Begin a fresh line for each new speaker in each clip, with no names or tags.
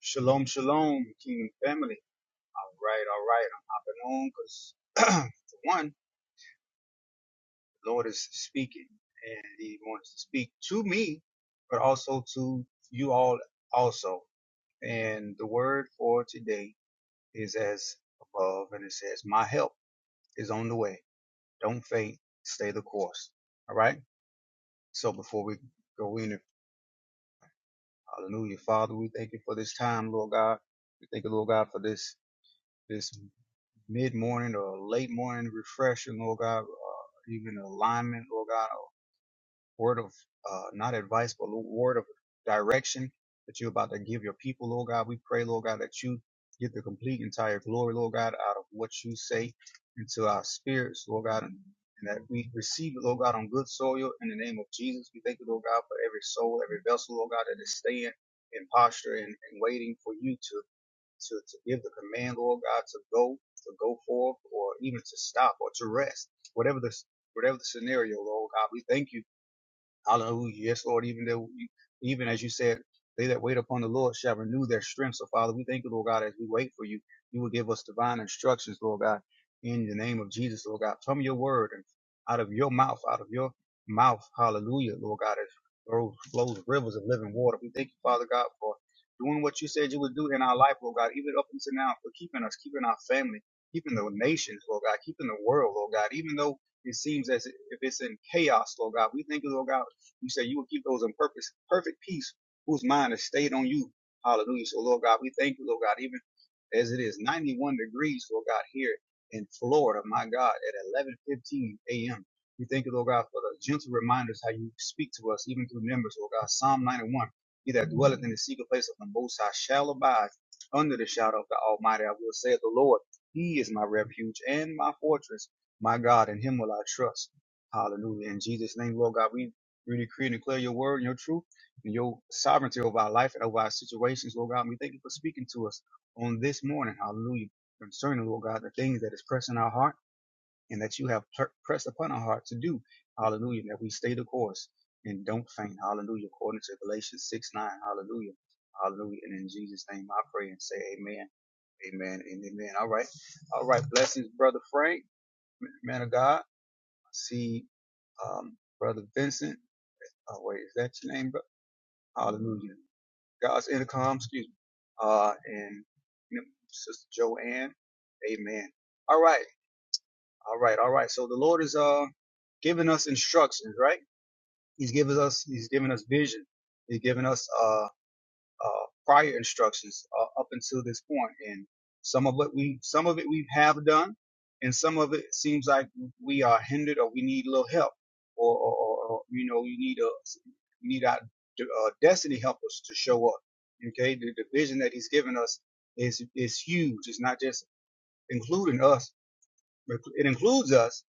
Shalom, shalom, kingdom family. All right, all right. I'm hopping on because, for one, the Lord is speaking and He wants to speak to me, but also to you all, also. And the word for today is as above, and it says, My help is on the way. Don't faint, stay the course. All right. So before we go in, hallelujah, Father, we thank you for this time, Lord God. We thank you, Lord God, for this. this mid morning or late morning refreshing, Lord God, uh, even alignment, Lord God, a word of uh, not advice, but a word of direction that you're about to give your people, Lord God. We pray, Lord God, that you get the complete entire glory, Lord God, out of what you say into our spirits, Lord God, and that we receive it, Lord God, on good soil in the name of Jesus. We thank you, Lord God, for every soul, every vessel, Lord God, that is staying in posture and, and waiting for you to to, to give the command, Lord God, to go, to go forth, or even to stop or to rest, whatever the whatever the scenario, Lord God. We thank you Hallelujah. Yes, Lord. Even though, even as you said, they that wait upon the Lord shall renew their strength. So, Father, we thank you, Lord God, as we wait for you. You will give us divine instructions, Lord God, in the name of Jesus, Lord God, from your word and out of your mouth, out of your mouth. Hallelujah, Lord God, as flows, flows rivers of living water. We thank you, Father God, for doing what you said you would do in our life, Lord God, even up until now, for keeping us, keeping our family, keeping the nations, Lord God, keeping the world, Lord God, even though it seems as if it's in chaos, Lord God. We thank you, Lord God, you say you will keep those in purpose, perfect peace, whose mind is stayed on you. Hallelujah. So, Lord God, we thank you, Lord God, even as it is 91 degrees, Lord God, here in Florida, my God, at 11:15 a.m. We thank you, Lord God, for the gentle reminders how you speak to us, even through members, Lord God. Psalm 91: He that dwelleth in the secret place of the Most High shall abide under the shadow of the Almighty. I will say of the Lord, He is my refuge and my fortress, my God, in Him will I trust. Hallelujah. In Jesus' name, Lord God, we we decree and declare your word and your truth and your sovereignty over our life and over our situations, Lord God. we thank you for speaking to us on this morning. Hallelujah. Concerning, Lord God, the things that is pressing our heart and that you have per- pressed upon our heart to do. Hallelujah. That we stay the course and don't faint. Hallelujah. According to Galatians 6 9. Hallelujah. Hallelujah. And in Jesus' name I pray and say amen. Amen and amen. All right. All right. Blessings, Brother Frank, man of God. I see um, Brother Vincent. Oh, wait, is that your name, Hallelujah. God's intercom, excuse me. Uh, and you know, Sister Joanne, amen. All right, all right, all right. So the Lord is uh giving us instructions, right? He's giving us, he's giving us vision. He's giving us uh uh, prior instructions uh, up until this point, and some of it we some of it we have done, and some of it seems like we are hindered or we need a little help, or, or, or you know you need a you need our uh, destiny helpers to show up. Okay, the, the vision that He's given us is is huge. It's not just including us, it includes us,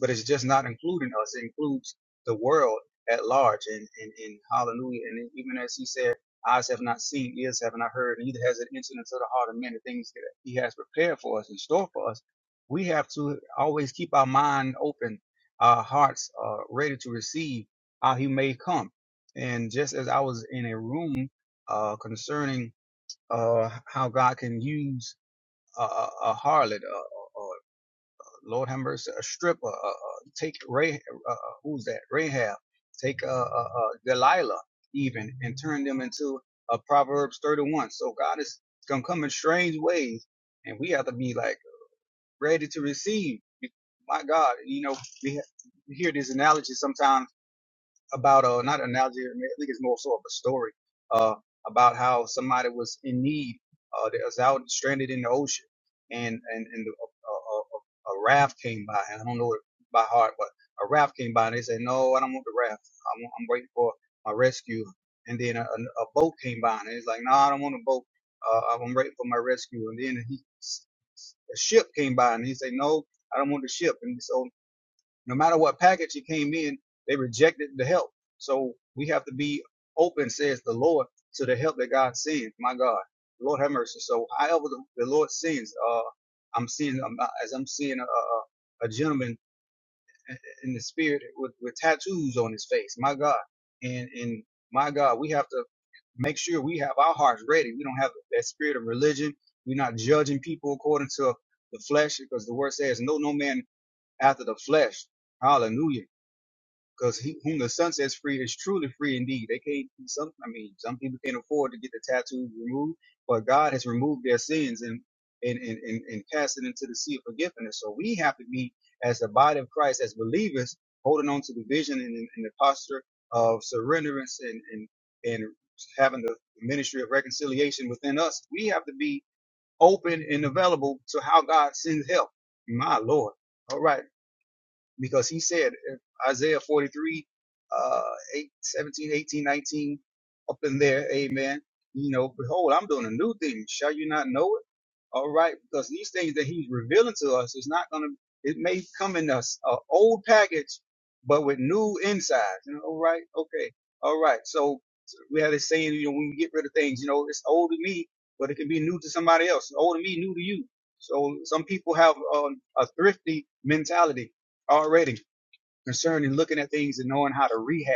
but it's just not including us. It includes the world at large. And, and, and hallelujah. And even as he said, eyes have not seen, ears have not heard, neither has it entered into the heart of man the things that he has prepared for us in store for us. We have to always keep our mind open, our hearts uh, ready to receive how he may come. And just as I was in a room uh, concerning uh, how God can use a, a a harlot, Lord have mercy, a stripper. Uh, uh, uh, take Ray, uh, uh, who's that? Rahab. Take uh, uh, uh, Delilah, even, and turn them into uh, Proverbs 31. So God is gonna come in strange ways, and we have to be like ready to receive. My God, you know, we, ha- we hear these analogies sometimes about a not an analogy. I, mean, I think it's more sort of a story uh about how somebody was in need uh that was out stranded in the ocean and and and a, a, a raft came by and I don't know it by heart but a raft came by and they said no I don't want the raft I'm, I'm waiting for my rescue and then a, a, a boat came by and it's like no I don't want a boat uh, I'm waiting for my rescue and then he a ship came by and he said no I don't want the ship. And so. No matter what package it came in, they rejected the help. So we have to be open, says the Lord, to the help that God sends. My God, Lord have mercy. So however the, the Lord sends, uh, I'm seeing I'm, uh, as I'm seeing a, a, a gentleman in the spirit with, with tattoos on his face. My God, and and my God, we have to make sure we have our hearts ready. We don't have that spirit of religion. We're not judging people according to the flesh, because the word says, "No, no man after the flesh." Hallelujah. Because he whom the sun sets free is truly free indeed. They can't. Some, I mean, some people can't afford to get the tattoos removed, but God has removed their sins and and and and, and cast it into the sea of forgiveness. So we have to be as the body of Christ, as believers, holding on to the vision and, and the posture of surrenderance and and and having the ministry of reconciliation within us. We have to be open and available to how God sends help. My Lord. All right because he said Isaiah 43, uh, 8, seventeen, eighteen, nineteen, up in there, amen. You know, behold, I'm doing a new thing. Shall you not know it? All right, because these things that he's revealing to us is not going to, it may come in us, a old package, but with new insides. You know, all right, okay, all right. So so, we have this saying, you know, when we get rid of things, you know, it's old to me, but it can be new to somebody else. It's old to me, new to you. So some people have um, a thrifty mentality already concerning looking at things and knowing how to rehab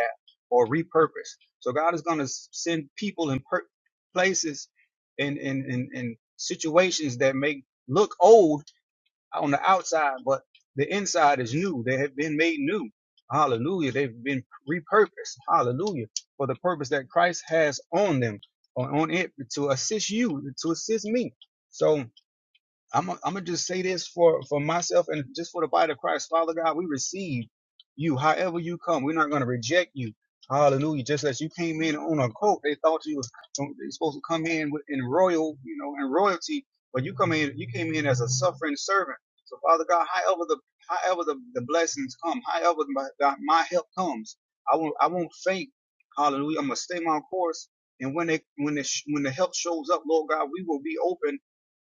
or repurpose. So God is going to send people in per- places and in, in, in situations that may look old on the outside, but the inside is new. They have been made new. Hallelujah. They've been repurposed. Hallelujah. For the purpose that Christ has on them, or on it to assist you, to assist me. So, I'm I'm gonna just say this for for myself and just for the body of Christ, Father God, we receive you however you come. We're not gonna reject you. Hallelujah! Just as you came in on a coat, they thought you was they supposed to come in with, in royal, you know, in royalty, but you come in you came in as a suffering servant. So Father God, however the however the, the blessings come, however my God, my help comes, I won't I won't faint. Hallelujah! I'm gonna stay my course, and when they when the when the help shows up, Lord God, we will be open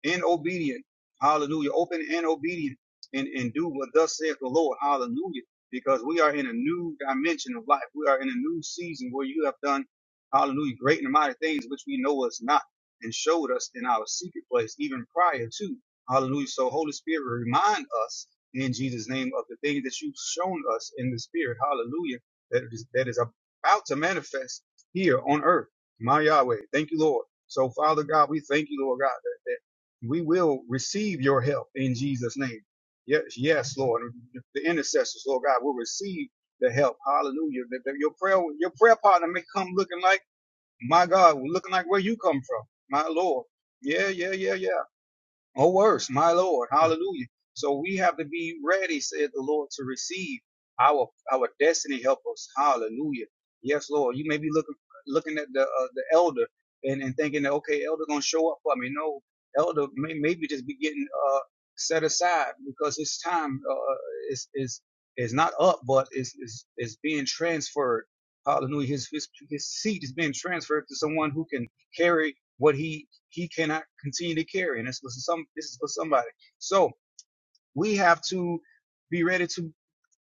in obedience Hallelujah. Open and obedient and, and do what thus saith the Lord. Hallelujah. Because we are in a new dimension of life. We are in a new season where you have done, hallelujah, great and mighty things which we know us not and showed us in our secret place even prior to. Hallelujah. So Holy Spirit, remind us in Jesus' name of the things that you've shown us in the spirit. Hallelujah. That is, that is about to manifest here on earth. My Yahweh. Thank you, Lord. So Father God, we thank you, Lord God, that, that we will receive your help in Jesus' name. Yes, yes, Lord. The intercessors, Lord God, will receive the help. Hallelujah. That- that Your prayer, your prayer partner may come looking like my God, looking like where you come from, my Lord. Yeah, yeah, yeah, yeah, or worse, my Lord, hallelujah. So we have to be ready, said the Lord, to receive our our destiny help us. Hallelujah. Yes, Lord. You may be looking looking at the uh, the elder and, and thinking that okay, elder gonna show up for me. No, elder may maybe just be getting uh set aside because his time uh is is is not up but is is is being transferred. Hallelujah. His his his seat is being transferred to someone who can carry what he he cannot continue to carry, and this was some this is for somebody. So we have to be ready to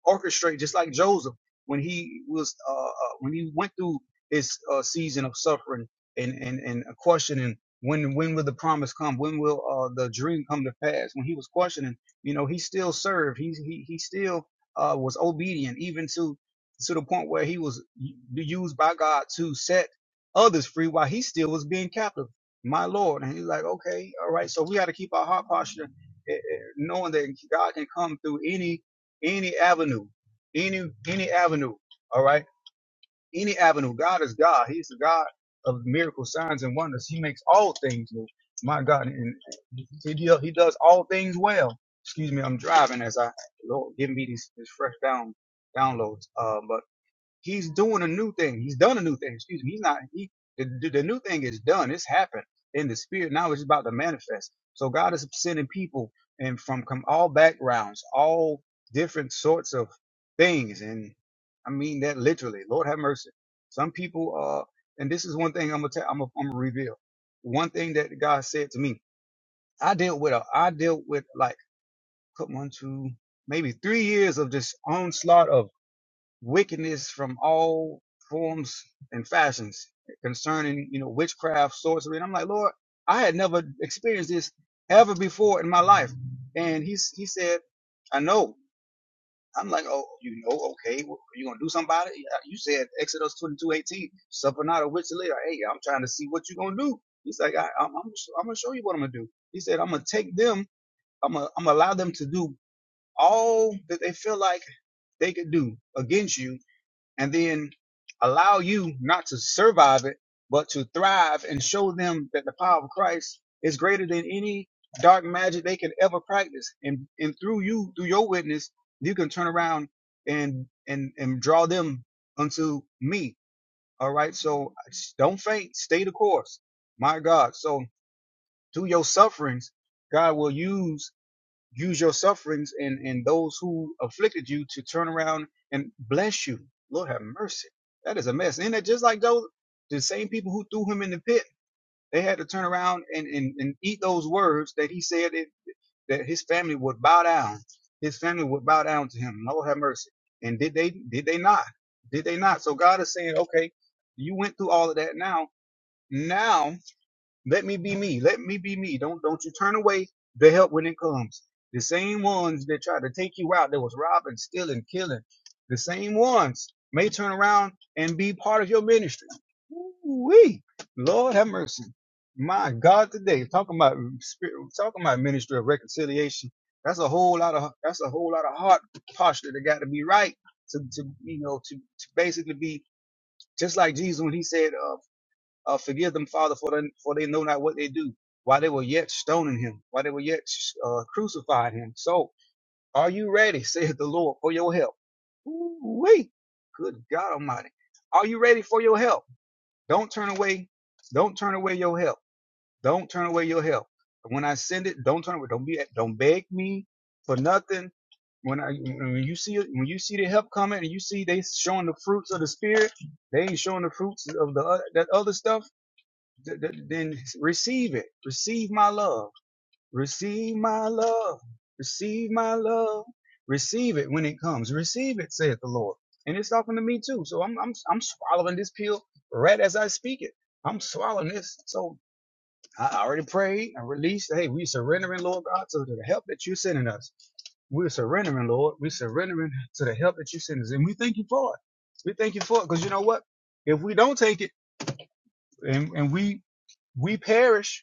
orchestrate, just like Joseph when he was uh, uh, when he went through his uh, season of suffering and and and questioning when when will the promise come? When will uh, the dream come to pass? When he was questioning, you know, he still served. He he he still uh, was obedient, even to to the point where he was used by God to set others free while he still was being captive. My Lord, and he's like, okay, all right. So we got to keep our heart posture, eh, eh, knowing that God can come through any any avenue, any any avenue. All right, any avenue. God is God. He's the God of miracles, signs, and wonders. He makes all things new. My God, and he do- he does all things well. Excuse me, I'm driving as I Lord give me these, these fresh down downloads. Uh, but. He's doing a new thing. He's done a new thing. Excuse me. He's not. He the, the new thing is done. It's happened. in the spirit Now it's about to manifest. So God is sending people and from com- all backgrounds, all different sorts of things. And I mean that literally. Lord have mercy. Some people uh and this is one thing I'm gonna tell. I'm gonna, I'm gonna reveal. One thing that God said to me. I dealt with a. I dealt with like put one two maybe three years of this onslaught of wickedness from all forms and fashions concerning, you know, witchcraft, sorcery. And I'm like, Lord, I had never experienced this ever before in my life. And he, he said, I know. I'm like, oh, you know, okay, well, are you gonna do something about it? Yeah, You said Exodus 22:18, suffer not a witch to live. Hey, I'm trying to see what you gonna do. He's like, I, I'm, I'm, I'm gonna show you what I'm gonna do. He said, I'm gonna take them, I'm I'm gonna allow them to do all that they feel like they could do against you and then allow you not to survive it, but to thrive and show them that the power of Christ is greater than any dark magic they could ever practice. And and through you, through your witness, you can turn around and and and draw them unto me. All right. So don't faint. Stay the course. My God. So through your sufferings, God will use use your sufferings and, and those who afflicted you to turn around and bless you. Lord have mercy. That is a mess. isn't it? just like those, the same people who threw him in the pit, they had to turn around and, and, and eat those words that he said it, that his family would bow down. His family would bow down to him. Lord have mercy. And did they, did they not? Did they not? So God is saying, okay, you went through all of that now. Now let me be me. Let me be me. Don't don't you turn away the help when it comes. The same ones that tried to take you out, that was robbing, stealing, killing, the same ones may turn around and be part of your ministry. Wee, Lord have mercy. My God, today talking about spirit, talking about ministry of reconciliation. That's a whole lot of that's a whole lot of heart posture that got to be right to, to you know to, to basically be just like Jesus when he said. uh, uh, forgive them, Father, for they, for they know not what they do. While they were yet stoning him, while they were yet uh, crucifying him. So, are you ready, saith the Lord, for your help? Wait, good God Almighty, are you ready for your help? Don't turn away. Don't turn away your help. Don't turn away your help. When I send it, don't turn away. Don't be. Don't beg me for nothing when I when you see when you see the help coming and you see they showing the fruits of the spirit, they ain't showing the fruits of the oth- that other stuff th- th- then receive it. Receive my love. Receive my love. Receive my love. Receive it when it comes. Receive it, saith the Lord. And it's talking to me too. So I'm I'm I'm swallowing this pill right as I speak it. I'm swallowing this. So I already prayed and released. Hey, we surrendering, Lord God, to the help that you're sending us. We're surrendering, Lord. We're surrendering to the help that you send us. And we thank you for it. We thank you for it. Because you know what? If we don't take it and, and we we perish,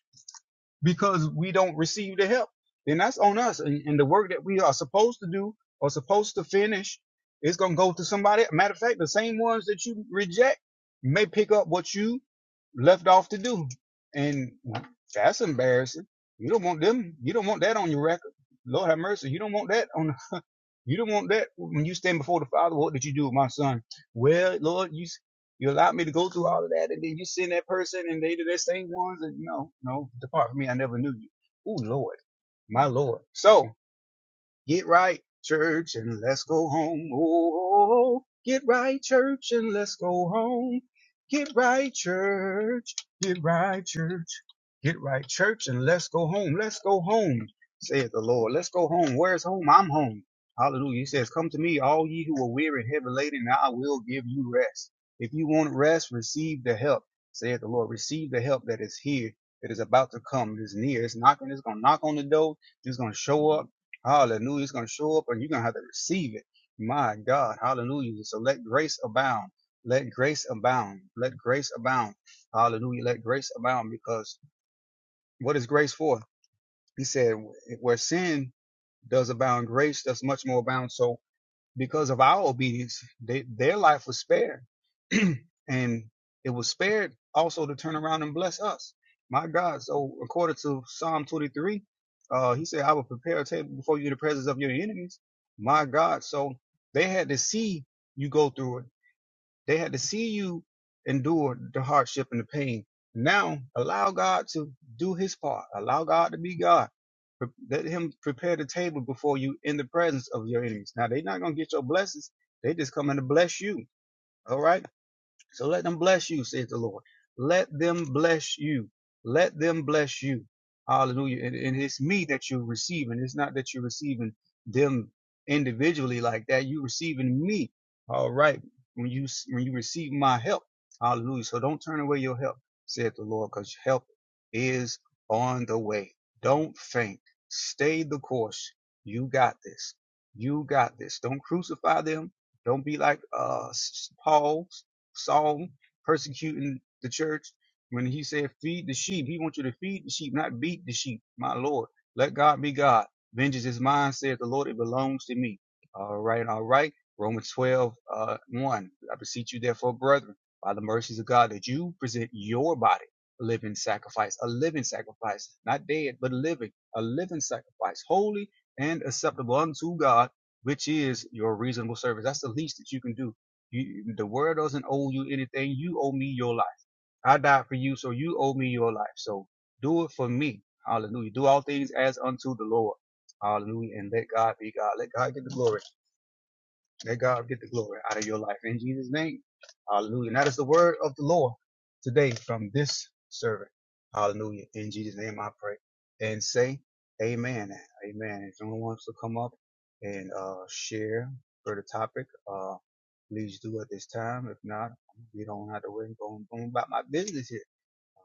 because we don't receive the help, then that's on us. And, and the work that we are supposed to do or supposed to finish is going to go to somebody. Matter of fact, the same ones that you reject may pick up what you left off to do. And that's embarrassing. You don't want them. You don't want that on your record. Lord have mercy. You don't want that on you don't want that when you stand before the Father. What did you do with my son? Well, Lord, you you allowed me to go through all of that, and then you send that person, and they do that same ones. And no, no, depart from me. I never knew you. Oh Lord, my Lord. So. Get right, church, and let's go home. Oh, oh, oh. get right, church, and let's go home. Get right, church. Get right, church. Get right, church, and let's go home. Let's go home, saith the Lord. Let's go home. Where's home? I'm home. Hallelujah. He says, Come to me, all ye who are weary and heavy laden, and I will give you rest. If you want rest, receive the help, saith the Lord. Receive the help that is here, that is about to come, that is near. It's knocking, it's going to knock on the door. It's going to show up. Hallelujah. It's going to show up and you're going to have to receive it. My God. Hallelujah. So let grace abound. Let grace abound. Let grace abound. Hallelujah. Let grace abound because what is grace for? He said, where sin does abound, grace does much more abound. So because of our obedience, they, their life was spared. and it was spared also to turn around and bless us. My God. So according to Psalm 23, uh, he said, I will prepare a table before you in the presence of your enemies. My God. So they had to see you go through it they had to see you endure the hardship and the pain. Now allow God to do his part. Allow God to be God. Pre- Let him prepare the table before you in the presence of your enemies. Now they're not gonna get your blessings. They just coming to bless you. All right. So let them bless you, saith the Lord. Let them bless you. Let them bless you. Hallelujah. And, and it's me that you're receiving. It's not that you're receiving them individually like that. You're receiving me. All right. When you when you receive my help. Hallelujah. So don't turn away your help, saith the Lord, because help is on the way. Don't faint. Stay the course. You got this. You got this. Don't crucify them. Don't be like uh, s- Paul Saul persecuting the church when he said, Feed the sheep. He wants you to feed the sheep, not beat the sheep. My Lord, let God be God. Vengeance is mine, saith the Lord, it belongs to me. All right, all right. Romans 12, uh, 1. I beseech you, therefore, brethren, by the mercies of God, that you present your body a living sacrifice, a living sacrifice, not dead, but living, a living sacrifice, holy and acceptable unto God, which is your reasonable service. That's the least that you can do you, the world doesn't owe you anything. You owe me your life. I died for you, so you owe me your life. So do it for me. Hallelujah. Do all things as unto the Lord. Hallelujah. And let God be God. Let God get the glory. Let God get the glory out of your life. In Jesus' name. Hallelujah. And that is the word of the Lord today from this servant. Hallelujah. In Jesus' name I pray. And say amen. Amen. If anyone wants to come up and uh share for the topic, uh please do at this time. If not, you don't have to wait and go on about my business here.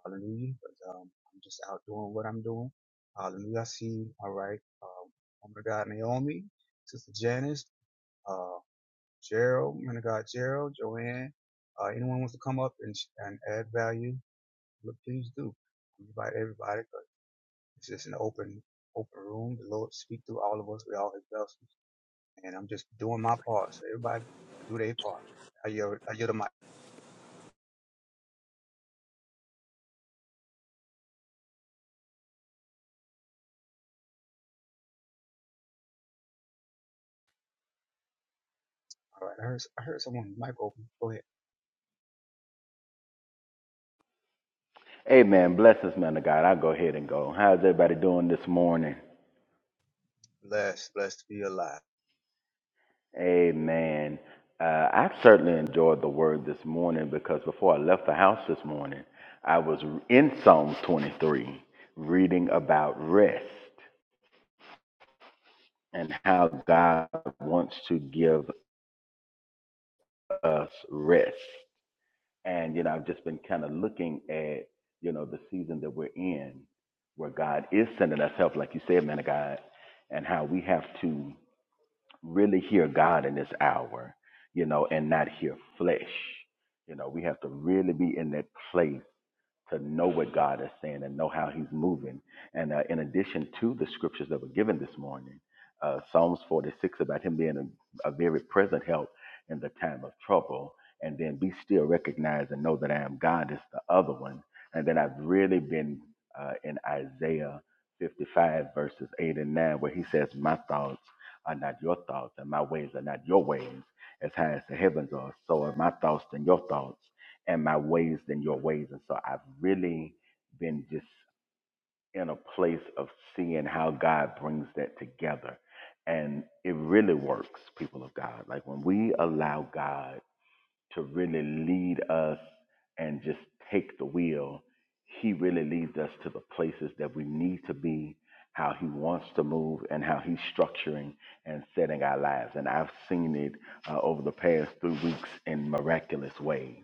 Hallelujah. But um I'm just out doing what I'm doing. Hallelujah. I see all right. Um woman of God Naomi, Sister Janice. uh Gerald, man of God, Gerald, Joanne, uh, anyone wants to come up and, and add value, look, please do. We invite everybody, but it's just an open, open room. The Lord speak through all of us. We all His vessels, and I'm just doing my part. So everybody do their part. I yield, I yield the mic. All right, I heard, I heard someone mic open. Go ahead.
Amen. Bless us, man of God. I'll go ahead and go. How's everybody doing this morning?
Blessed, blessed to be alive.
Amen. Uh, I certainly enjoyed the word this morning because before I left the house this morning, I was in Psalms 23 reading about rest and how God wants to give us rest. And, you know, I've just been kind of looking at, you know, the season that we're in where God is sending us help, like you said, man of God, and how we have to really hear God in this hour, you know, and not hear flesh. You know, we have to really be in that place to know what God is saying and know how He's moving. And uh, in addition to the scriptures that were given this morning, uh, Psalms 46 about Him being a, a very present help in the time of trouble, and then be still recognize and know that I am God is the other one. And then I've really been uh, in Isaiah 55, verses 8 and 9, where He says, My thoughts are not your thoughts, and my ways are not your ways. As high as the heavens are, so are my thoughts than your thoughts and my ways than your ways. And so I've really been just in a place of seeing how God brings that together. And it really works, people of God. Like when we allow God to really lead us and just take the wheel. He really leads us to the places that we need to be, how He wants to move, and how He's structuring and setting our lives. And I've seen it uh, over the past three weeks in miraculous ways.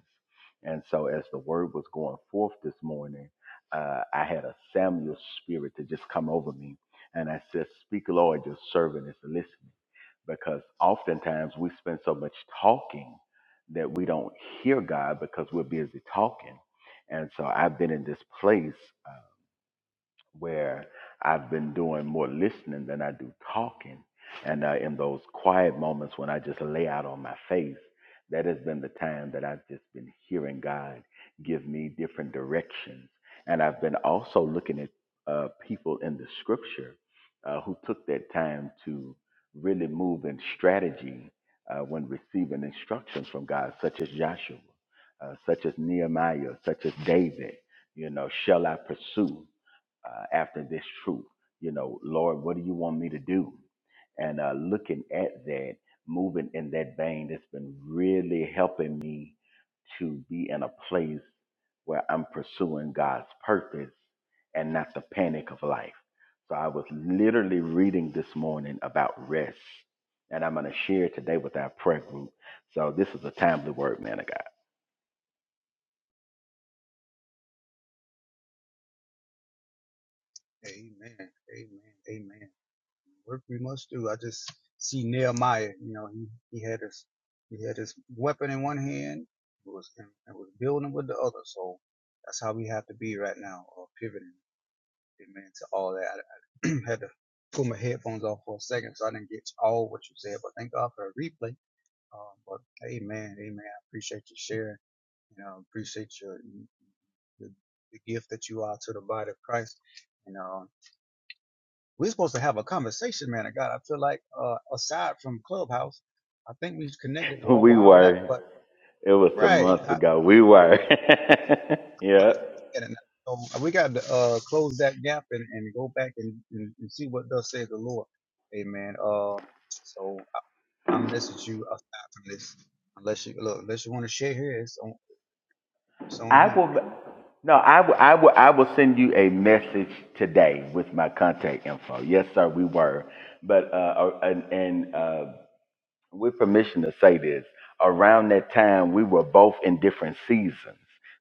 And so, as the word was going forth this morning, uh, I had a Samuel spirit to just come over me. And I said, Speak, Lord, your servant is listening. Because oftentimes we spend so much talking that we don't hear God because we're busy talking. And so I've been in this place where I've been doing more listening than I do talking. And uh, in those quiet moments when I just lay out on my face, that has been the time that I've just been hearing God give me different directions. And I've been also looking at uh, people in the scripture uh, who took that time to really move in strategy uh, when receiving instructions from God, such as Joshua, uh, such as Nehemiah, such as David, you know, shall I pursue? uh, after this truth. You know, Lord, what do you want me to do? And uh, looking at that, moving in that vein, that's been really helping me to be in a place where I'm pursuing God's purpose and not the panic of life. So I was literally reading this morning about rest, and I'm going to share it today with our prayer group. So this is a timely word, man of God.
Amen. Amen. Amen. work we must do. I just see Nehemiah. You know, he, he had his he had his weapon in one hand, it was and, was building with the other. So that's how we have to be right now, or pivoting. Amen. To all that, I, I had to pull my headphones off for a second, so I didn't get all what you said. But thank God for a replay. Um, but amen, amen. I appreciate you sharing. You know, appreciate your, your the gift that you are to the body of Christ. And uh, we're supposed to have a conversation, man of God. I feel like, uh, aside from Clubhouse, I think we connected well a
We
while back,
were.
but
It was some
right.
months
I,
ago. We were. yeah.
and so we got to uh, close that gap and, and go back and, and, and see what does say the Lord. Amen. Uh, so I, I message you aside from this, unless you look, unless you want to share here, it's on, it's on
I
you.
will.
Amen.
No, I will. I will. I will send you a message today with my contact info. Yes, sir. We were, but uh, uh, and, and uh, with permission to say this, around that time we were both in different seasons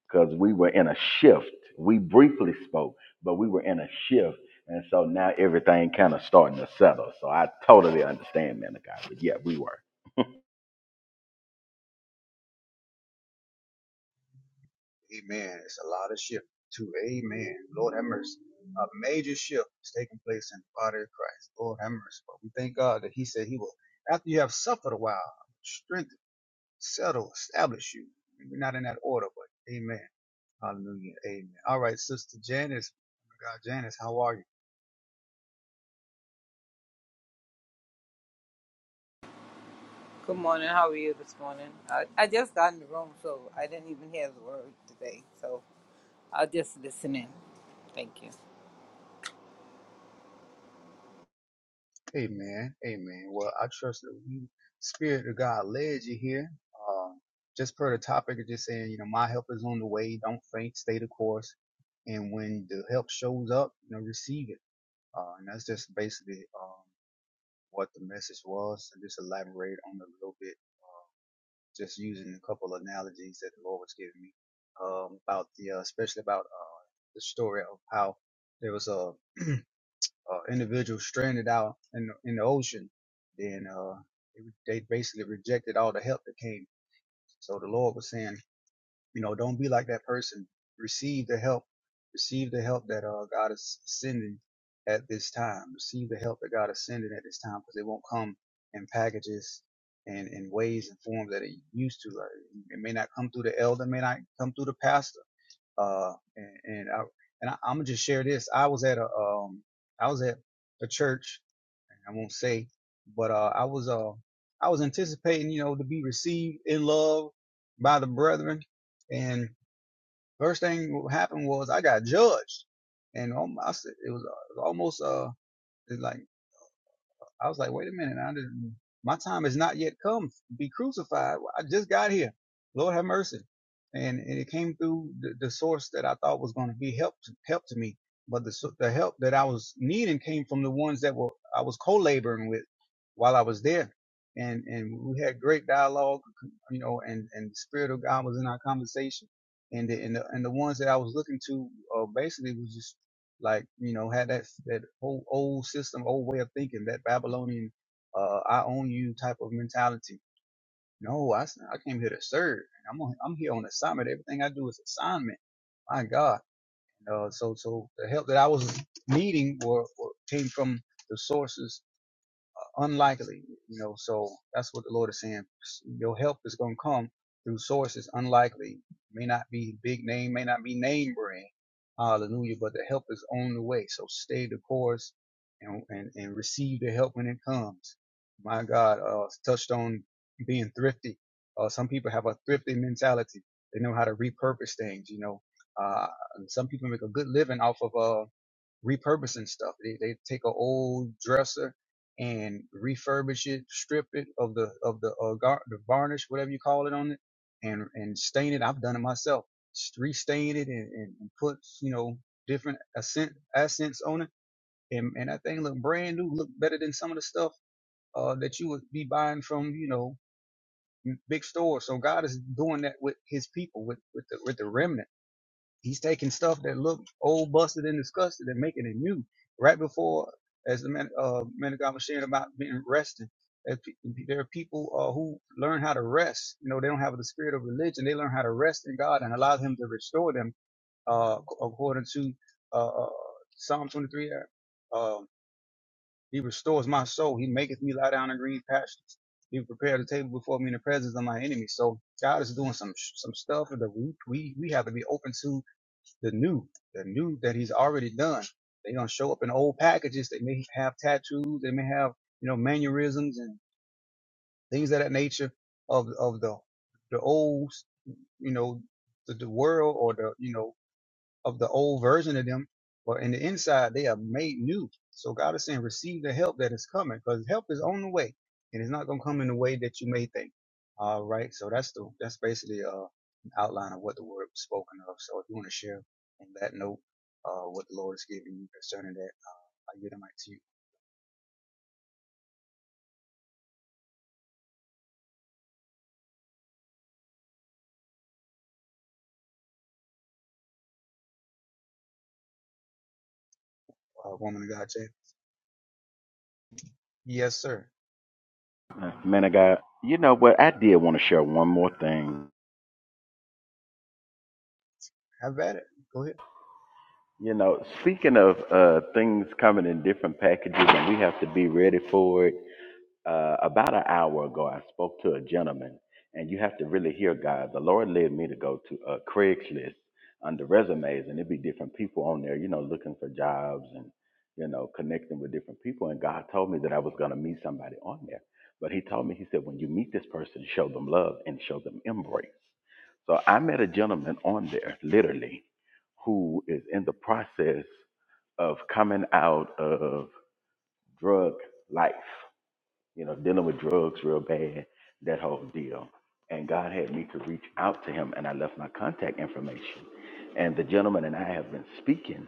because we were in a shift. We briefly spoke, but we were in a shift, and so now everything kind of starting to settle. So I totally understand, man of God. But yeah, we were,
Amen. It's a lot of shift too. Amen. Lord have mercy. A major shift is taking place in the body of Christ. Lord have mercy. But we thank God that He said He will, after you have suffered a while, strengthen, settle, establish you. Maybe not in that order, but Amen. Hallelujah. Amen. All right, Sister Janice. God, Janice, how are you?
Good morning. How are you this morning? I, I just got in the room, so I didn't even hear the word today. So I'll just listen in. Thank you.
Amen. Amen. Well, I trust that we, Spirit of God led you here. Um, just per the topic of just saying, you know, my help is on the way. Don't faint. Stay the course. And when the help shows up, you know, receive it. Uh, and that's just basically um, what the message was. And just elaborate on it a little bit. Uh, just using a couple of analogies that the Lord was giving me um, about the, uh, especially about uh, the story of how there was a uh, individual stranded out in the, in the ocean, then uh, they basically rejected all the help that came. So the Lord was saying, you know, don't be like that person. Receive the help. Receive the help that uh, God is sending at this time. Receive the help that God is sending at this time because it won't come in packages and in ways and forms that it used to. Like, it may not come through the elder, may not come through the pastor uh, and, and I, and I, I'm gonna just share this. I was at a, um, I was at a church. I won't say, but, uh, I was, uh, I was anticipating, you know, to be received in love by the brethren. And first thing what happened was I got judged and um, I said, it was, uh, it was almost, uh, it's like. I was like, wait a minute, I didn't, my time has not yet come to be crucified. I just got here. Lord have mercy. And, and it came through the, the source that I thought was going to be help to, help to me, but the so- the help that I was needing came from the ones that were I was co-laboring with while I was there. And and we had great dialogue, you know, and and the spirit of God was in our conversation. And the and the, and the ones that I was looking to uh, basically was just like you know had that that whole old system old way of thinking that babylonian uh i own you type of mentality no i, s- I came here to serve i'm on, i'm here on assignment everything i do is assignment my god uh so so the help that i was needing were, were came from the sources unlikely, you know. So that's what the Lord is saying. Your help is going to come through sources unlikely. May not be big name, may not be name brand. Hallelujah. But the help is on the way. So stay the course and, and, and receive the help when it comes. My God, uh, touched on being thrifty. Uh, some people have a thrifty mentality. They know how to repurpose things, you know. Uh, some people make a good living off of, uh, repurposing stuff. They, they take an old dresser and refurbish it, strip it of the of the uh, gar- the varnish, whatever you call it on it, and and stain it. I've done it myself. Restain it and, and, and put you know different accent accents on it, and and that thing look brand new, look better than some of the stuff uh, that you would be buying from you know big stores. So God is doing that with His people, with with the with the remnant He's taking stuff that looked old, busted, and disgusted and making it new. Right before, as the man, uh, man of God was sharing about being resting, that pe- there are people uh, who learn how to rest. You know, they don't have the spirit of religion. They learn how to rest in God and allow Him to restore them, uh, ac- according to uh, uh, Psalm 23. uh, Um, he restores my soul. He maketh me lie down in green pastures. He prepared a table before me in the presence of my enemies. So God is doing some some stuff that we we we have to be open to the new, the new that he's already done. They gonna show up in old packages. They may have tattoos. They may have, you know, mannerisms and things of that nature of of the the old, you know, the, the world or the you know of the old version of them, but in the inside they are made new. So God is saying, receive the help that is coming, because help is on the way, and it's not gonna come in the way that you may think. All right, so that's the that's basically uh an outline of what the word was spoken of. So if you want to share in that note, uh, what the Lord is giving you concerning that, I give the mic to you, uh, woman of God, Jay. Yes, sir.
Uh, man of God. You know what? I did want to share one more thing.
Have at it. Go ahead.
You know, speaking of uh, things coming in different packages, and we have to be ready for it uh, about an hour ago, I spoke to a gentleman, and you have to really hear God. The Lord led me to go to uh, Craigslist under resumes, and it'd be different people on there, you know, looking for jobs and, you know, connecting with different people. And God told me that I was going to meet somebody on there. But He told me, He said, when you meet this person, show them love and show them embrace. So I met a gentleman on there, literally, who is in the process of coming out of drug life you know, dealing with drugs real bad, that whole deal. And God had me to reach out to him, and I left my contact information. And the gentleman and I have been speaking,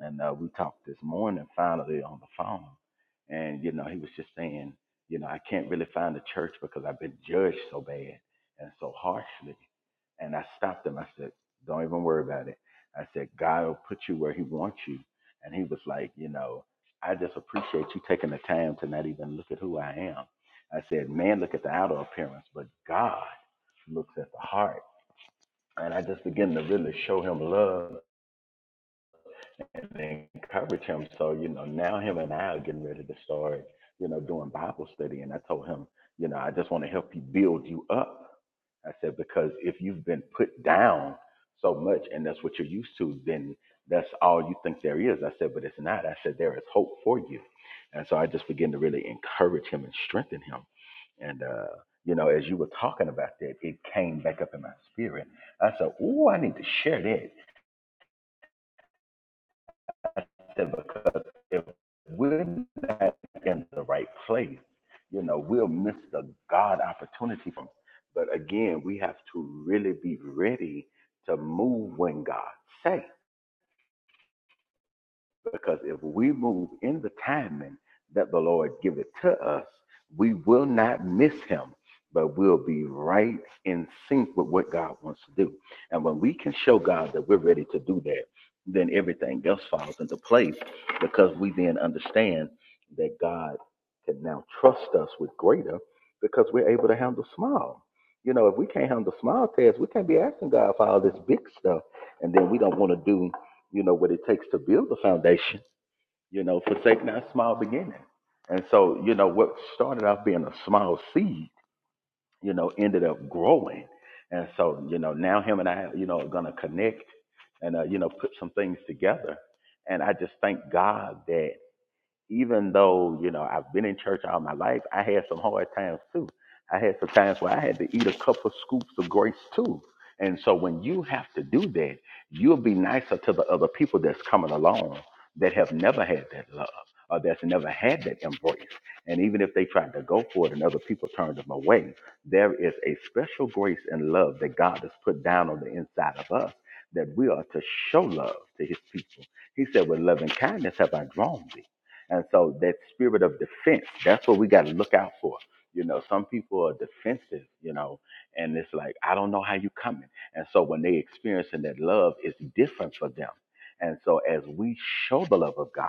and uh, we talked this morning finally on the phone. And, you know, he was just saying, you know, I can't really find a church because I've been judged so bad and so harshly. And I stopped him. I said, Don't even worry about it. I said, God will put you where He wants you. And he was like, You know, I just appreciate you taking the time to not even look at who I am. I said, Man, look at the outer appearance, but God looks at the heart. And I just began to really show him love and encourage him. So, you know, now him and I are getting ready to start, you know, doing Bible study. And I told him, you know, I just want to help you build you up. I said, because if you've been put down so much and that's what you're used to, then that's all you think there is. I said, but it's not. I said, there is hope for you. And so I just began to really encourage him and strengthen him. And, uh, you know, as you were talking about that, it came back up in my spirit. I said, oh, I need to share that said, because if we're not in the right place, you know, we'll miss the God opportunity from. But again, we have to really be ready to move when God say. Because if we move in the timing that the Lord giveth to us, we will not miss him, but we'll be right in sync with what God wants to do. And when we can show God that we're ready to do that, then everything else falls into place because we then understand that God can now trust us with greater because we're able to handle small. You know, if we can't handle small tasks, we can't be asking God for all this big stuff. And then we don't want to do you know what it takes to build the foundation you know forsake not small beginning and so you know what started off being a small seed you know ended up growing and so you know now him and i you know are going to connect and uh, you know put some things together and i just thank god that even though you know I've been in church all my life, I had some hard times too. I had some times where I had to eat a couple scoops of grace too. And so when you have to do that, you'll be nicer to the other people that's coming along that have never had that love or that's never had that embrace. And even if they tried to go for it and other people turned them away, there is a special grace and love that God has put down on the inside of us that we are to show love to his people. He said, with loving kindness have I drawn thee. And so that spirit of defense, that's what we got to look out for. You know, some people are defensive, you know, and it's like, I don't know how you coming. And so when they experiencing that love, it's different for them. And so as we show the love of God,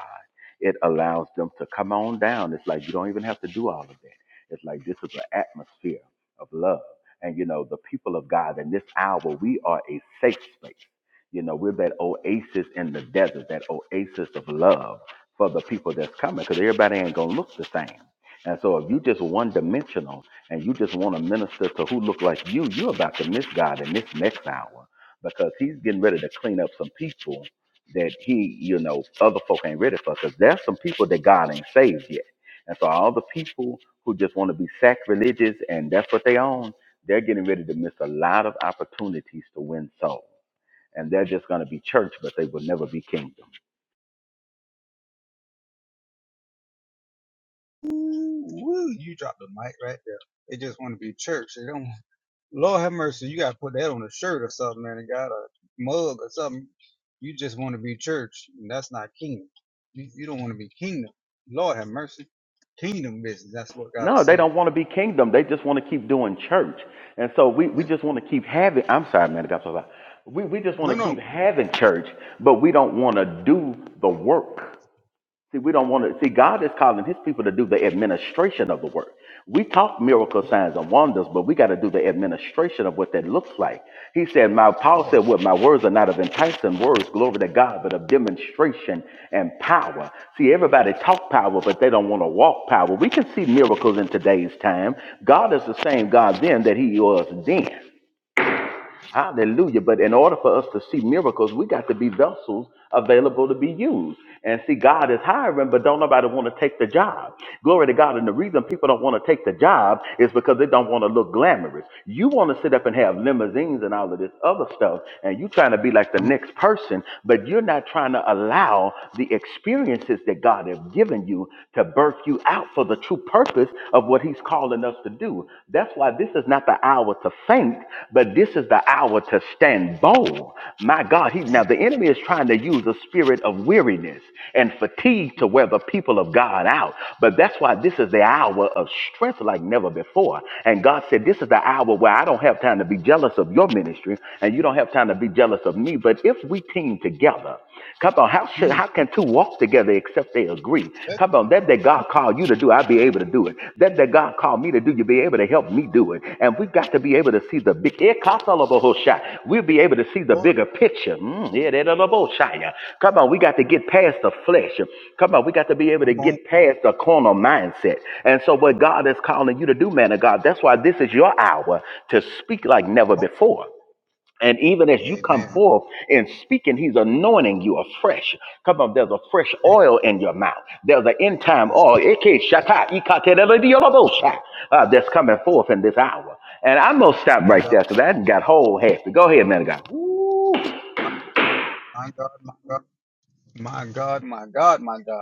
it allows them to come on down. It's like you don't even have to do all of that. It's like this is an atmosphere of love. And you know, the people of God in this hour, we are a safe space. You know, we're that oasis in the desert, that oasis of love for the people that's coming because everybody ain't going to look the same. And so if you just one dimensional and you just want to minister to who look like you, you're about to miss God in this next hour because he's getting ready to clean up some people that he, you know, other folk ain't ready for because there's some people that God ain't saved yet. And so all the people who just want to be sacrilegious and that's what they own, they're getting ready to miss a lot of opportunities to win souls and they're just going to be church, but they will never be kingdom.
Ooh, woo, you dropped the mic right there. They just want to be church. They don't. Lord have mercy. You got to put that on a shirt or something, man. It got a mug or something. You just want to be church, and that's not kingdom. You, you don't want to be kingdom. Lord have mercy. Kingdom business. That's what God is
No, they
saying.
don't want to be kingdom. They just want to keep doing church. And so we, we
Mm.
just want to keep having, I'm sorry, man, I got so loud. We, we just
No,
want to
no.
keep having church, but we don't want to do the work. See, we don't want to see God is calling his people to do the administration of the work. We talk miracle signs and wonders, but we got to do the administration of what that looks like. He said, My Paul
Lord,
said, What my words are not of enticing words, glory to God, but of demonstration and power. See, everybody talk power, but they don't want to walk power. We can see miracles in today's time. God is the same God then that he was then. Hallelujah. But in order for us to see miracles, we got to be vessels available to be used. And see, God is hiring, but don't nobody want to take the job. Glory to God. And the reason people don't want to take the job is because they don't want to look glamorous. You want to sit up and have limousines and all of this other stuff, and you trying to be like the
come on.
next person, but you're not trying to allow the experiences that God has given you to birth you out for the true purpose of what he's calling us to do. That's why this is not the hour to faint, but this is the hour to stand bold. My God, he now
Hey,
the enemy is trying to use a spirit of weariness and fatigue
mm,
to wear the people of God out. But that's why this is the hour of strength like never before. And God said, This is the hour where I don't have time to be jealous of your ministry, and you don't have time to be jealous of me. But if we team together, come on, how should
mm,
how how can two walk together except they agree?
that's
Come on, that that God
good,
called you to do, I'll be able to do it. That that God called me to do, you'll be able to help me do it. And we've got to be able to see the big. We'll be able to see the
Lord,
bigger picture. Mm, yeah, that other bullshit. Come on, we got to get past the flesh. Come on, we got to be able to
come on.
get past the corner mindset. And so, what God is calling you to do, man of God, that's why this is your hour to speak like never
Oh,
before. And even as you come
amen.
forth in speaking, he's anointing you afresh. Come on, there's a fresh
Hey,
oil in your mouth. There's an end time
yes.
oil Ike shata, ikatelelediolabosha, uh, that's coming forth in this hour. And I'm going to stop
My
right
God,
there because I done got whole happy. Go ahead, man of God. Woo.
my, my God, my God, my God, my God, my God.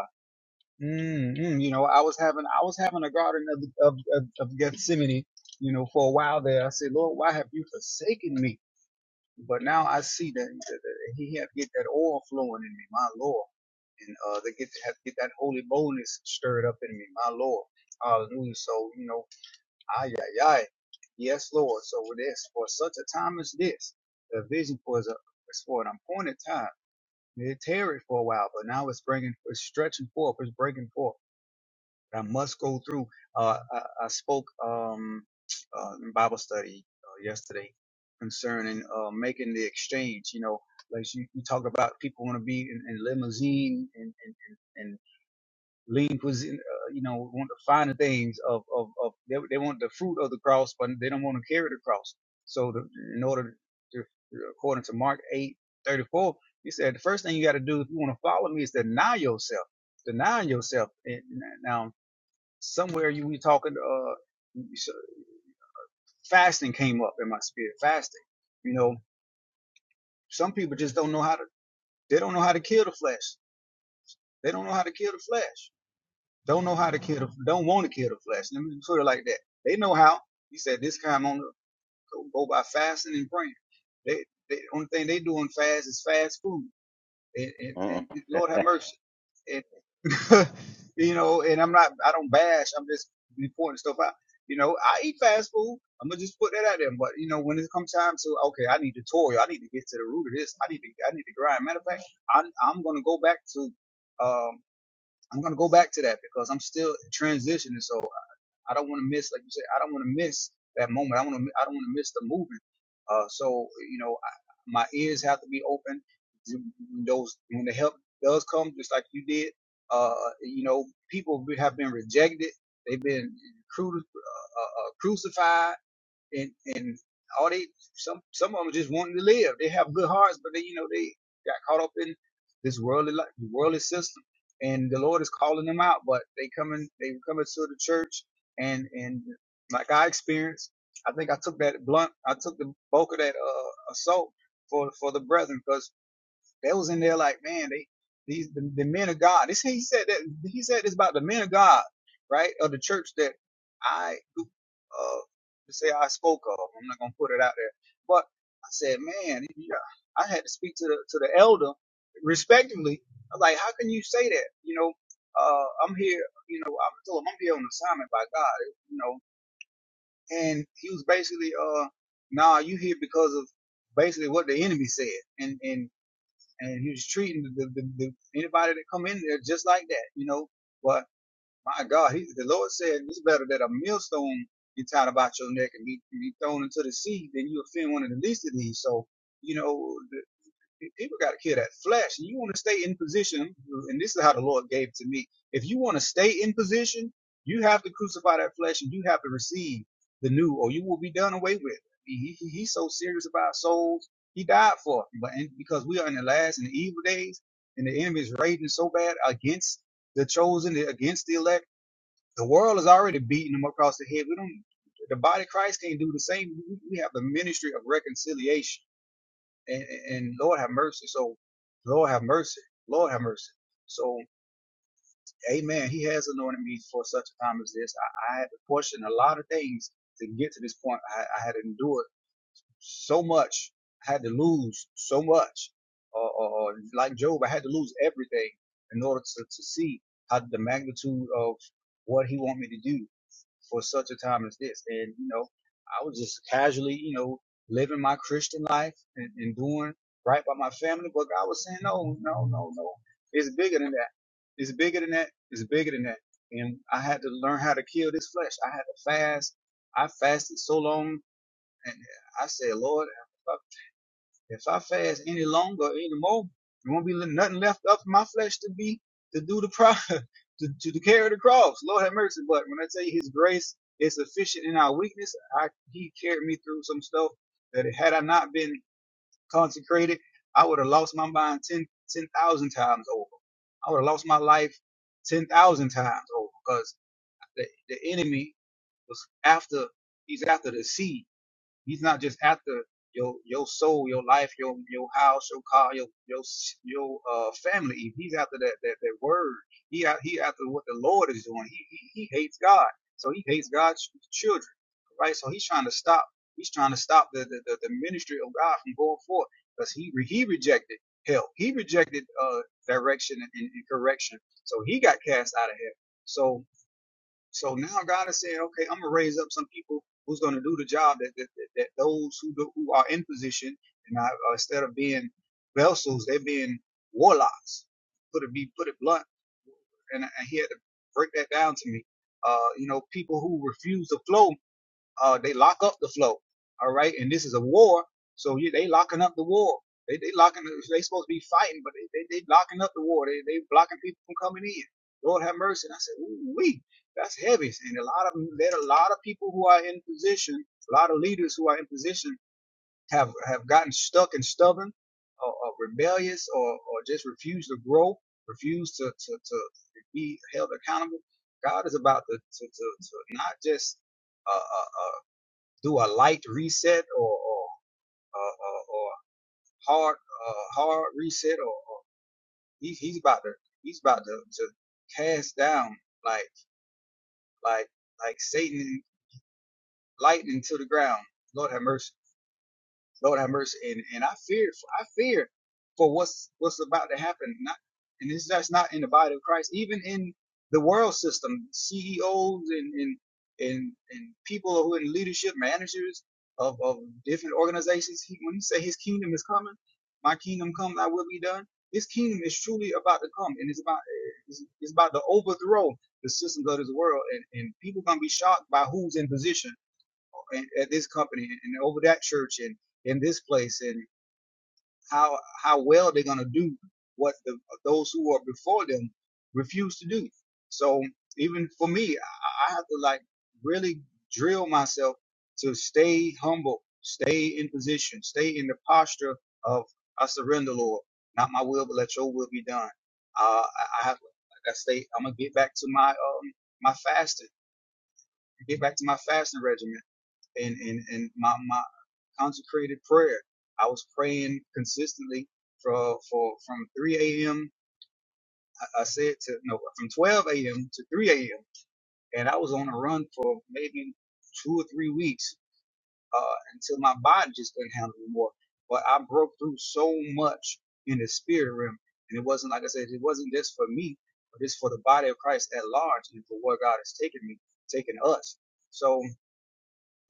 Mm, mm, you know, I was having I was having a garden of, of of of Gethsemane, you know, for a while there. I said, Lord, why have you forsaken me? But now I see that, that, that He had get that oil flowing in me, my Lord, and uh, they get to have get that holy boldness stirred up in me, my Lord. Hallelujah. So you know, ay ay ay, yes, Lord. So with this, for such a time as this, the vision for is a is for an appointed time. It tarried for a while, but now it's bringing, it's stretching forth, it's breaking forth. I must go through. Uh, I, I spoke um, uh, in Bible study uh, yesterday concerning uh, making the exchange. You know, like you, you talk about people want to be in, in limousine and, and, and, and lean cuisine, uh, you know, want the finer things of, of, of they, they want the fruit of the cross, but they don't want to carry the cross. So the, in order to, according to Mark eight thirty four, 34, he said, the first thing you got to do if you want to follow me is deny yourself. Deny yourself. And now somewhere you were talking uh so- fasting came up in my spirit fasting you know some people just don't know how to they don't know how to kill the flesh they don't know how to kill the flesh don't know how to kill the don't want to kill the flesh let me put it like that they know how he said this kind on the go go by fasting and praying they, they only thing they doing fast is fast food and, and, and Lord have mercy. And you know, and I'm not, I don't bash. I'm just pointing stuff out. You know, I eat fast food. I'm gonna just put that out there. But you know, when it comes time to okay, I need to toil. I need to get to the root of this. I need to, I need to grind. Matter of fact, I'm, I'm gonna go back to, um, I'm gonna go back to that because I'm still transitioning. So I don't want to miss, like you said, I don't want to miss that moment. I want to, I don't want to miss the movement. Uh, so you know, I, my ears have to be open. Those when the help does come, just like you did. Uh, you know, people have been rejected. They've been cru- uh, uh, uh, crucified and and all they some some of them just wanting to live. They have good hearts, but they you know they got caught up in this worldly life, worldly system, and the Lord is calling them out. But they coming they coming to the church, and and like I experienced, I think I took that blunt, I took the bulk of that uh, assault for for the brethren, 'cause they was in there like, man, they these the, the men of God. This he said that he said this about the men of God, right? Of the church that I uh say I spoke of. I'm not gonna put it out there. But I said, man, yeah, I had to speak to the to the elder respectfully. I was like, how can you say that? You know, uh, I'm here. You know, I told him I'm here on assignment by God. You know, and he was basically, uh, nah, you here because of basically what the enemy said, and and and he was treating the, the, the anybody that come in there just like that, you know. But my God, he, the Lord said it's better that a millstone be tied about your neck and be, be thrown into the sea than you offend one of the least of these. So, you know, the, People got to kill that flesh. And you want to stay in position, and this is how the Lord gave it to me. If you want to stay in position, you have to crucify that flesh and you have to receive the new, or you will be done away with. He, he, he's so serious about souls. He died for it. But and because we are in the last and the evil days, and the enemy is raging so bad against the chosen, against the elect, the world is already beating them across the head. We don't, the body of Christ can't do the same. We we have the ministry of reconciliation and, and Lord have mercy. So, Lord have mercy. Lord have mercy. So, Amen. He has anointed me for such a time as this. I, I had to question a lot of things to get to this point. I, I had to endure so much. I had to lose so much. Or, or, or like Job, I had to lose everything in order to, to see how the magnitude of what He want me to do for such a time as this. And, you know, I was just casually, you know, living my Christian life and, and doing right by my family. But God was saying, no, no, no, no. It's bigger than that. It's bigger than that. It's bigger than that. And I had to learn how to kill this flesh. I had to fast. I fasted so long and I said, Lord, I'm if I fast any longer, any more, there won't be nothing left up for my flesh to be to do the pro to, to, to carry the cross. Lord have mercy. But when I tell you His grace is sufficient in our weakness, I He carried me through some stuff that had I not been consecrated, I would have lost my mind ten ten thousand times over. I would have lost my life ten thousand times over because the, the enemy was after. He's after the seed. He's not just after your your soul, your life, your your house, your car, your your your uh family. He's after that that, that word. He out he after what the Lord is doing. He, he he hates God, so he hates God's children, right? So he's trying to stop. He's trying to stop the the, the, the ministry of God from going forth because he re- he rejected help. He rejected uh direction and, and correction. So he got cast out of heaven. So so now God is saying, okay, I'm gonna raise up some people who's gonna do the job that that, that, that those who do, who are in position and I, uh, instead of being vessels, they're being warlocks. Put it be put it blunt, and, and he had to break that down to me. Uh, you know, people who refuse to flow uh, they lock up the flow. All right, and this is a war, so you, they locking up the war. They they locking. They supposed to be fighting, but they they, they locking up the war. They they blocking people from coming in. Lord have mercy. And I said, ooh wee, that's heavy. And a lot of them, there are a lot of people who are in position, a lot of leaders who are in position have have gotten stuck and stubborn, or, or rebellious, or or just refuse to grow, refuse to to to be held accountable. God is about to to to, to not just uh, uh, uh, do a light reset or or uh, or, or hard uh, hard reset or, or he's he's about to he's about to, to cast down like like like Satan lightning to the ground. Lord have mercy. Lord have mercy. And and I fear I fear for what's what's about to happen. Not and this that's not in the body of Christ, even in the world system, CEOs and and and, and people who are in leadership, managers of, of different organizations. He, when he say his kingdom is coming, my kingdom come, thy will be done. His kingdom is truly about to come, and it's about it's, it's about to overthrow the systems of this world, and, and people gonna be shocked by who's in position at this company and over that church and in this place and how how well they're going to do what the, those who are before them refuse to do. So even for me, I, I have to like really drill myself to stay humble, stay in position, stay in the posture of I surrender, Lord, not my will, but let Your will be done. Uh, I, I have, like I say, I'm gonna get back to my um my fasting, get back to my fasting regimen and and and my my consecrated prayer. I was praying consistently for for from 3 a.m. I, I said to no from 12 a.m. to 3 a.m. and I was on a run for maybe two or three weeks uh, until my body just couldn't handle it anymore. But I broke through so much in the spirit realm, and it wasn't like I said, it wasn't just for me, but it's for the body of Christ at large and for where God has taken me, taken us. So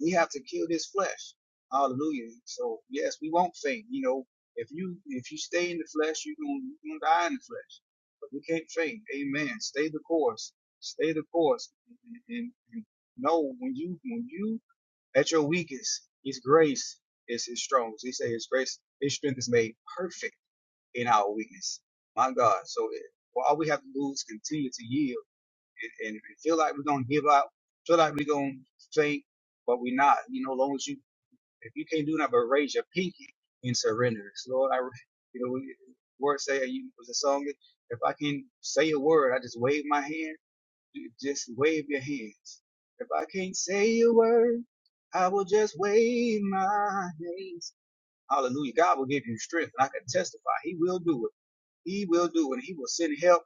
we have to kill this flesh. Hallelujah. So yes, we won't faint. You know, if you if you stay in the flesh, you're gonna, you're gonna die in the flesh. But we can't faint. Amen. Stay the course. Stay the course. And, and, and know when you when you at your weakest, His grace is His strongest. He say His grace, His strength is made perfect in our weakness. My God. So it, well, all we have to do is continue to yield and if you feel like we're gonna give up, feel like we're gonna faint, but we're not. You know, as long as you, if you can't do nothing but raise your pinky and surrender, So, Lord, I, you know, word say you was a song. If I can say a word, I just wave my hand. You Just wave your hands. If I can't say a word, I will just wave my hands. Hallelujah. God will give you strength. And I can testify. He will do it. He will do it. He will send help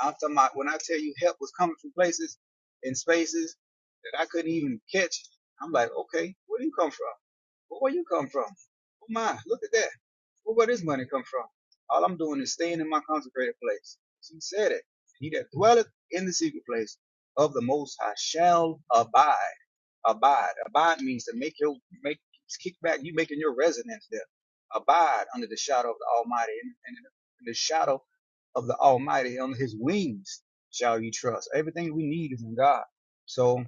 I'm talking about when I tell you help was coming from places and spaces that I couldn't even catch. I'm like, okay, where do you come from? Well, where you come from? Oh my, look at that. Well, where this money come from? All I'm doing is staying in my consecrated place. He said it. He that dwelleth in the secret place of the Most High shall abide. Abide. Abide means to make your make kick back. You making your residence there. Abide under the shadow of the Almighty, and, and in the shadow of the Almighty, under His wings shall you trust. Everything we need is in God. So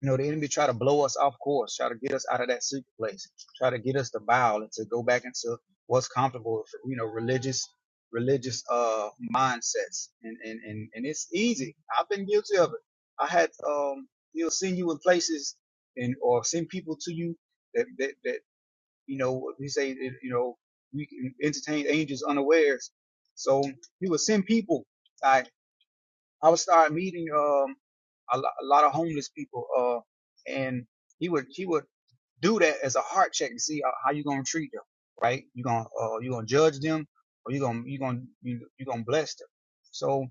you know, the enemy try to blow us off course, try to get us out of that secret place, try to get us to bow and to go back into what's comfortable, for, you know, religious, religious, uh, mindsets. And, and, and, and it's easy. I've been guilty of it. I had, um, he'll send you in places and, or send people to you that, that, that, you know, we say, that, you know, we can entertain angels unawares. So he will send people. like, I would start meeting um a, lo- a lot of homeless people, uh, and he would he would do that as a heart check and see how, how you gonna treat them, right? You gonna uh, you gonna judge them, or you gonna you gonna you, you gonna bless them. So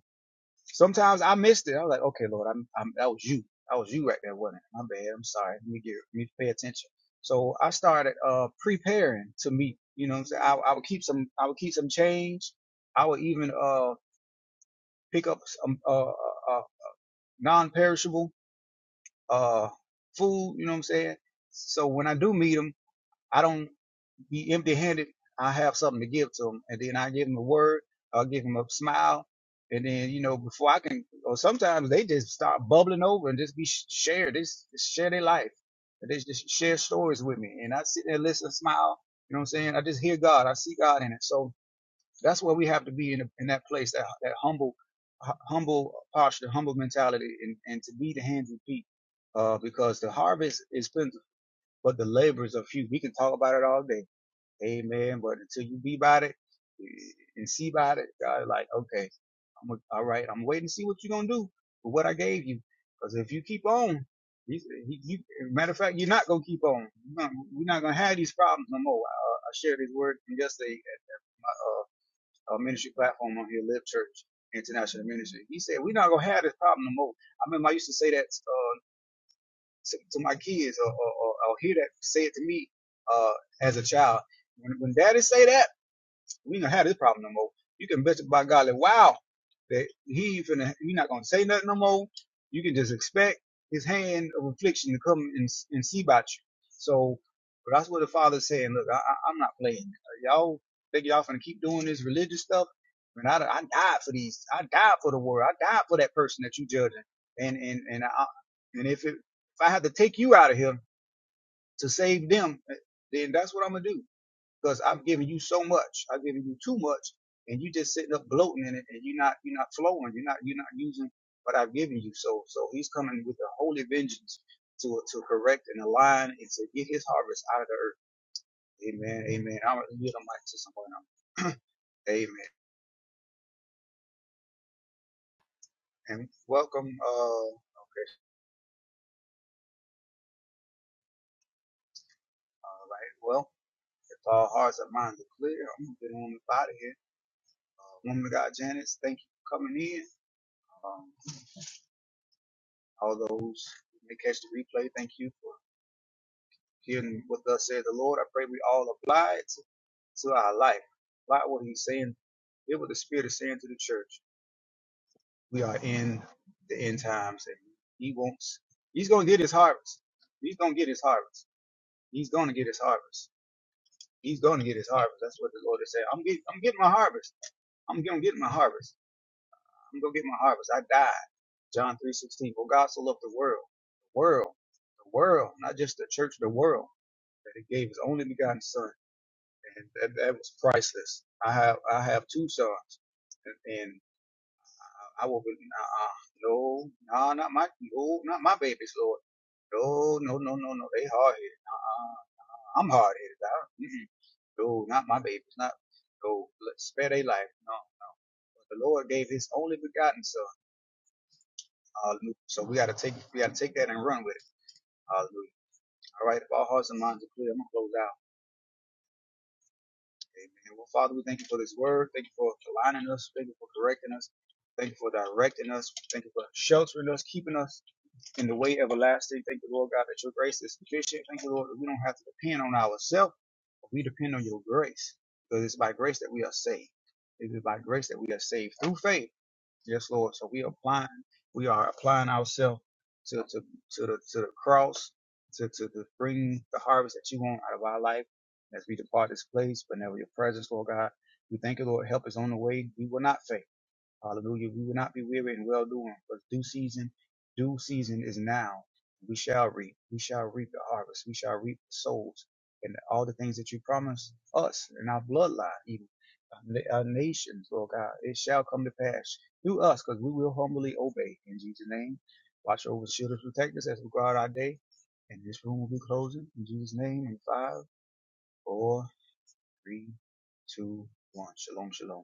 sometimes I missed it. I was like, okay, Lord, I'm, I'm that was you, that was you right there, wasn't it? My bad. I'm sorry. Let me get let me pay attention. So I started uh preparing to meet. You know, what I'm saying I, I would keep some I would keep some change. I would even uh pick up some uh, uh, non-perishable uh food you know what i'm saying so when i do meet them i don't be empty-handed i have something to give to them and then i give them a word i'll give them a smile and then you know before i can or sometimes they just start bubbling over and just be sh- shared. They this share their life and they just share stories with me and i sit there listen smile you know what i'm saying i just hear god i see god in it so that's where we have to be in, a, in that place, that, that humble, hu- humble posture, humble mentality, and, and to be the hands and feet. Uh, because the harvest is plentiful, but the laborers are few. We can talk about it all day. Amen. But until you be about it eh, and see about it, God is like, okay, I'm gonna- alright right. I'm waiting to see what you're going to do with what I gave you. Because if you keep on, he, he, you, matter of fact, you're not going to keep on. You're not- We're not going to have these problems no more. I, I shared this word from yesterday Uh, uh, ministry platform on here, Live Church International Ministry. He said, We're not going to have this problem no more. I remember I used to say that uh, to, to my kids or, or, or, or hear that say it to me uh, as a child. When, when daddy say that, we ain't gonna have this problem no more. You can bet by God like, wow, that he ain't finna, he not gonna say nothing no more. You can just expect his hand of affliction to come and, and see about you. So, but that's what the father's saying. Look, I, I, I'm not playing. Uh, Y'all think y'all finna keep doing this religious stuff? And I, I died for these. I died for the world. I died for that person that you judging. And and and I, and if it, if I have to take you out of here to save them, eh, then that's what I'm gonna do because I'm giving you so much, I'm giving you too much, and you just sitting up bloating in it, and you're not you're not flowing, you're not you're not using what I've given you. So so he's coming with a holy vengeance to to correct and align and to get his harvest out of the earth. Amen. Amen. I'm gonna yield the mic to someone else. Amen. And welcome. Uh, all right. Well, if all hearts and minds are clear, I'm gonna get on the out of here. Uh, woman of God, Janice, thank you for coming in. Um, all those who may catch the replay, thank you for. hearing what thus says the Lord. I pray we all apply it to, to our life. Apply what he's saying. Hear what the Spirit is saying to the church. We are in the end times and he wants, he's going to get his harvest. He's going to get his harvest. He's going to get his harvest. He's going to get his harvest. That's what the Lord is saying. I'm getting, I'm getting my harvest. I'm going to get my harvest. I'm going to get my harvest. I died. John 3.16. For God so loved the world, the world, the world, not just the church, the world, that he gave his only begotten son and that, that was priceless. I have I have two sons, and, and I will be nah, uh, no, no, not my no, not my babies, Lord. No, no, no, no, no. They hard headed. Uh, I'm hard headed. No, not my babies. Not no. spare their life. No. But the Lord gave His only begotten Son. Hallelujah. So we gotta take we gotta take that and run with it. Hallelujah. All right. If all hearts and minds are clear, I'm gonna close out. Amen. Well, Father, we thank you for this word. Thank you for aligning us. Thank you for correcting us. Thank you for directing us. Thank you for sheltering us, keeping us in the way everlasting. Thank you, Lord God, that your grace is sufficient. Thank you, Lord, that we don't have to depend on ourselves. but We depend on your grace. Because it's by grace that we are saved. It is by grace that we are saved through faith. Yes, Lord. So we applying, we are applying ourselves to, to, to the to the cross, to, to the bring the harvest that you want out of our life as we depart this place, but never your presence, Lord God. We thank you, Lord. Help is on the way. We will not fail. Hallelujah. We will not be weary in well doing, but due season, due season is now. We shall reap. We shall reap the harvest. We shall reap the souls and all the things that you promised us and our bloodline, even our our nations, Lord God. It shall come to pass through us because we will humbly obey in Jesus' name. Watch over, shield, us, protect us as we guard our day. And this room will be closing in Jesus' name in five, four, three, two, one. Shalom, shalom.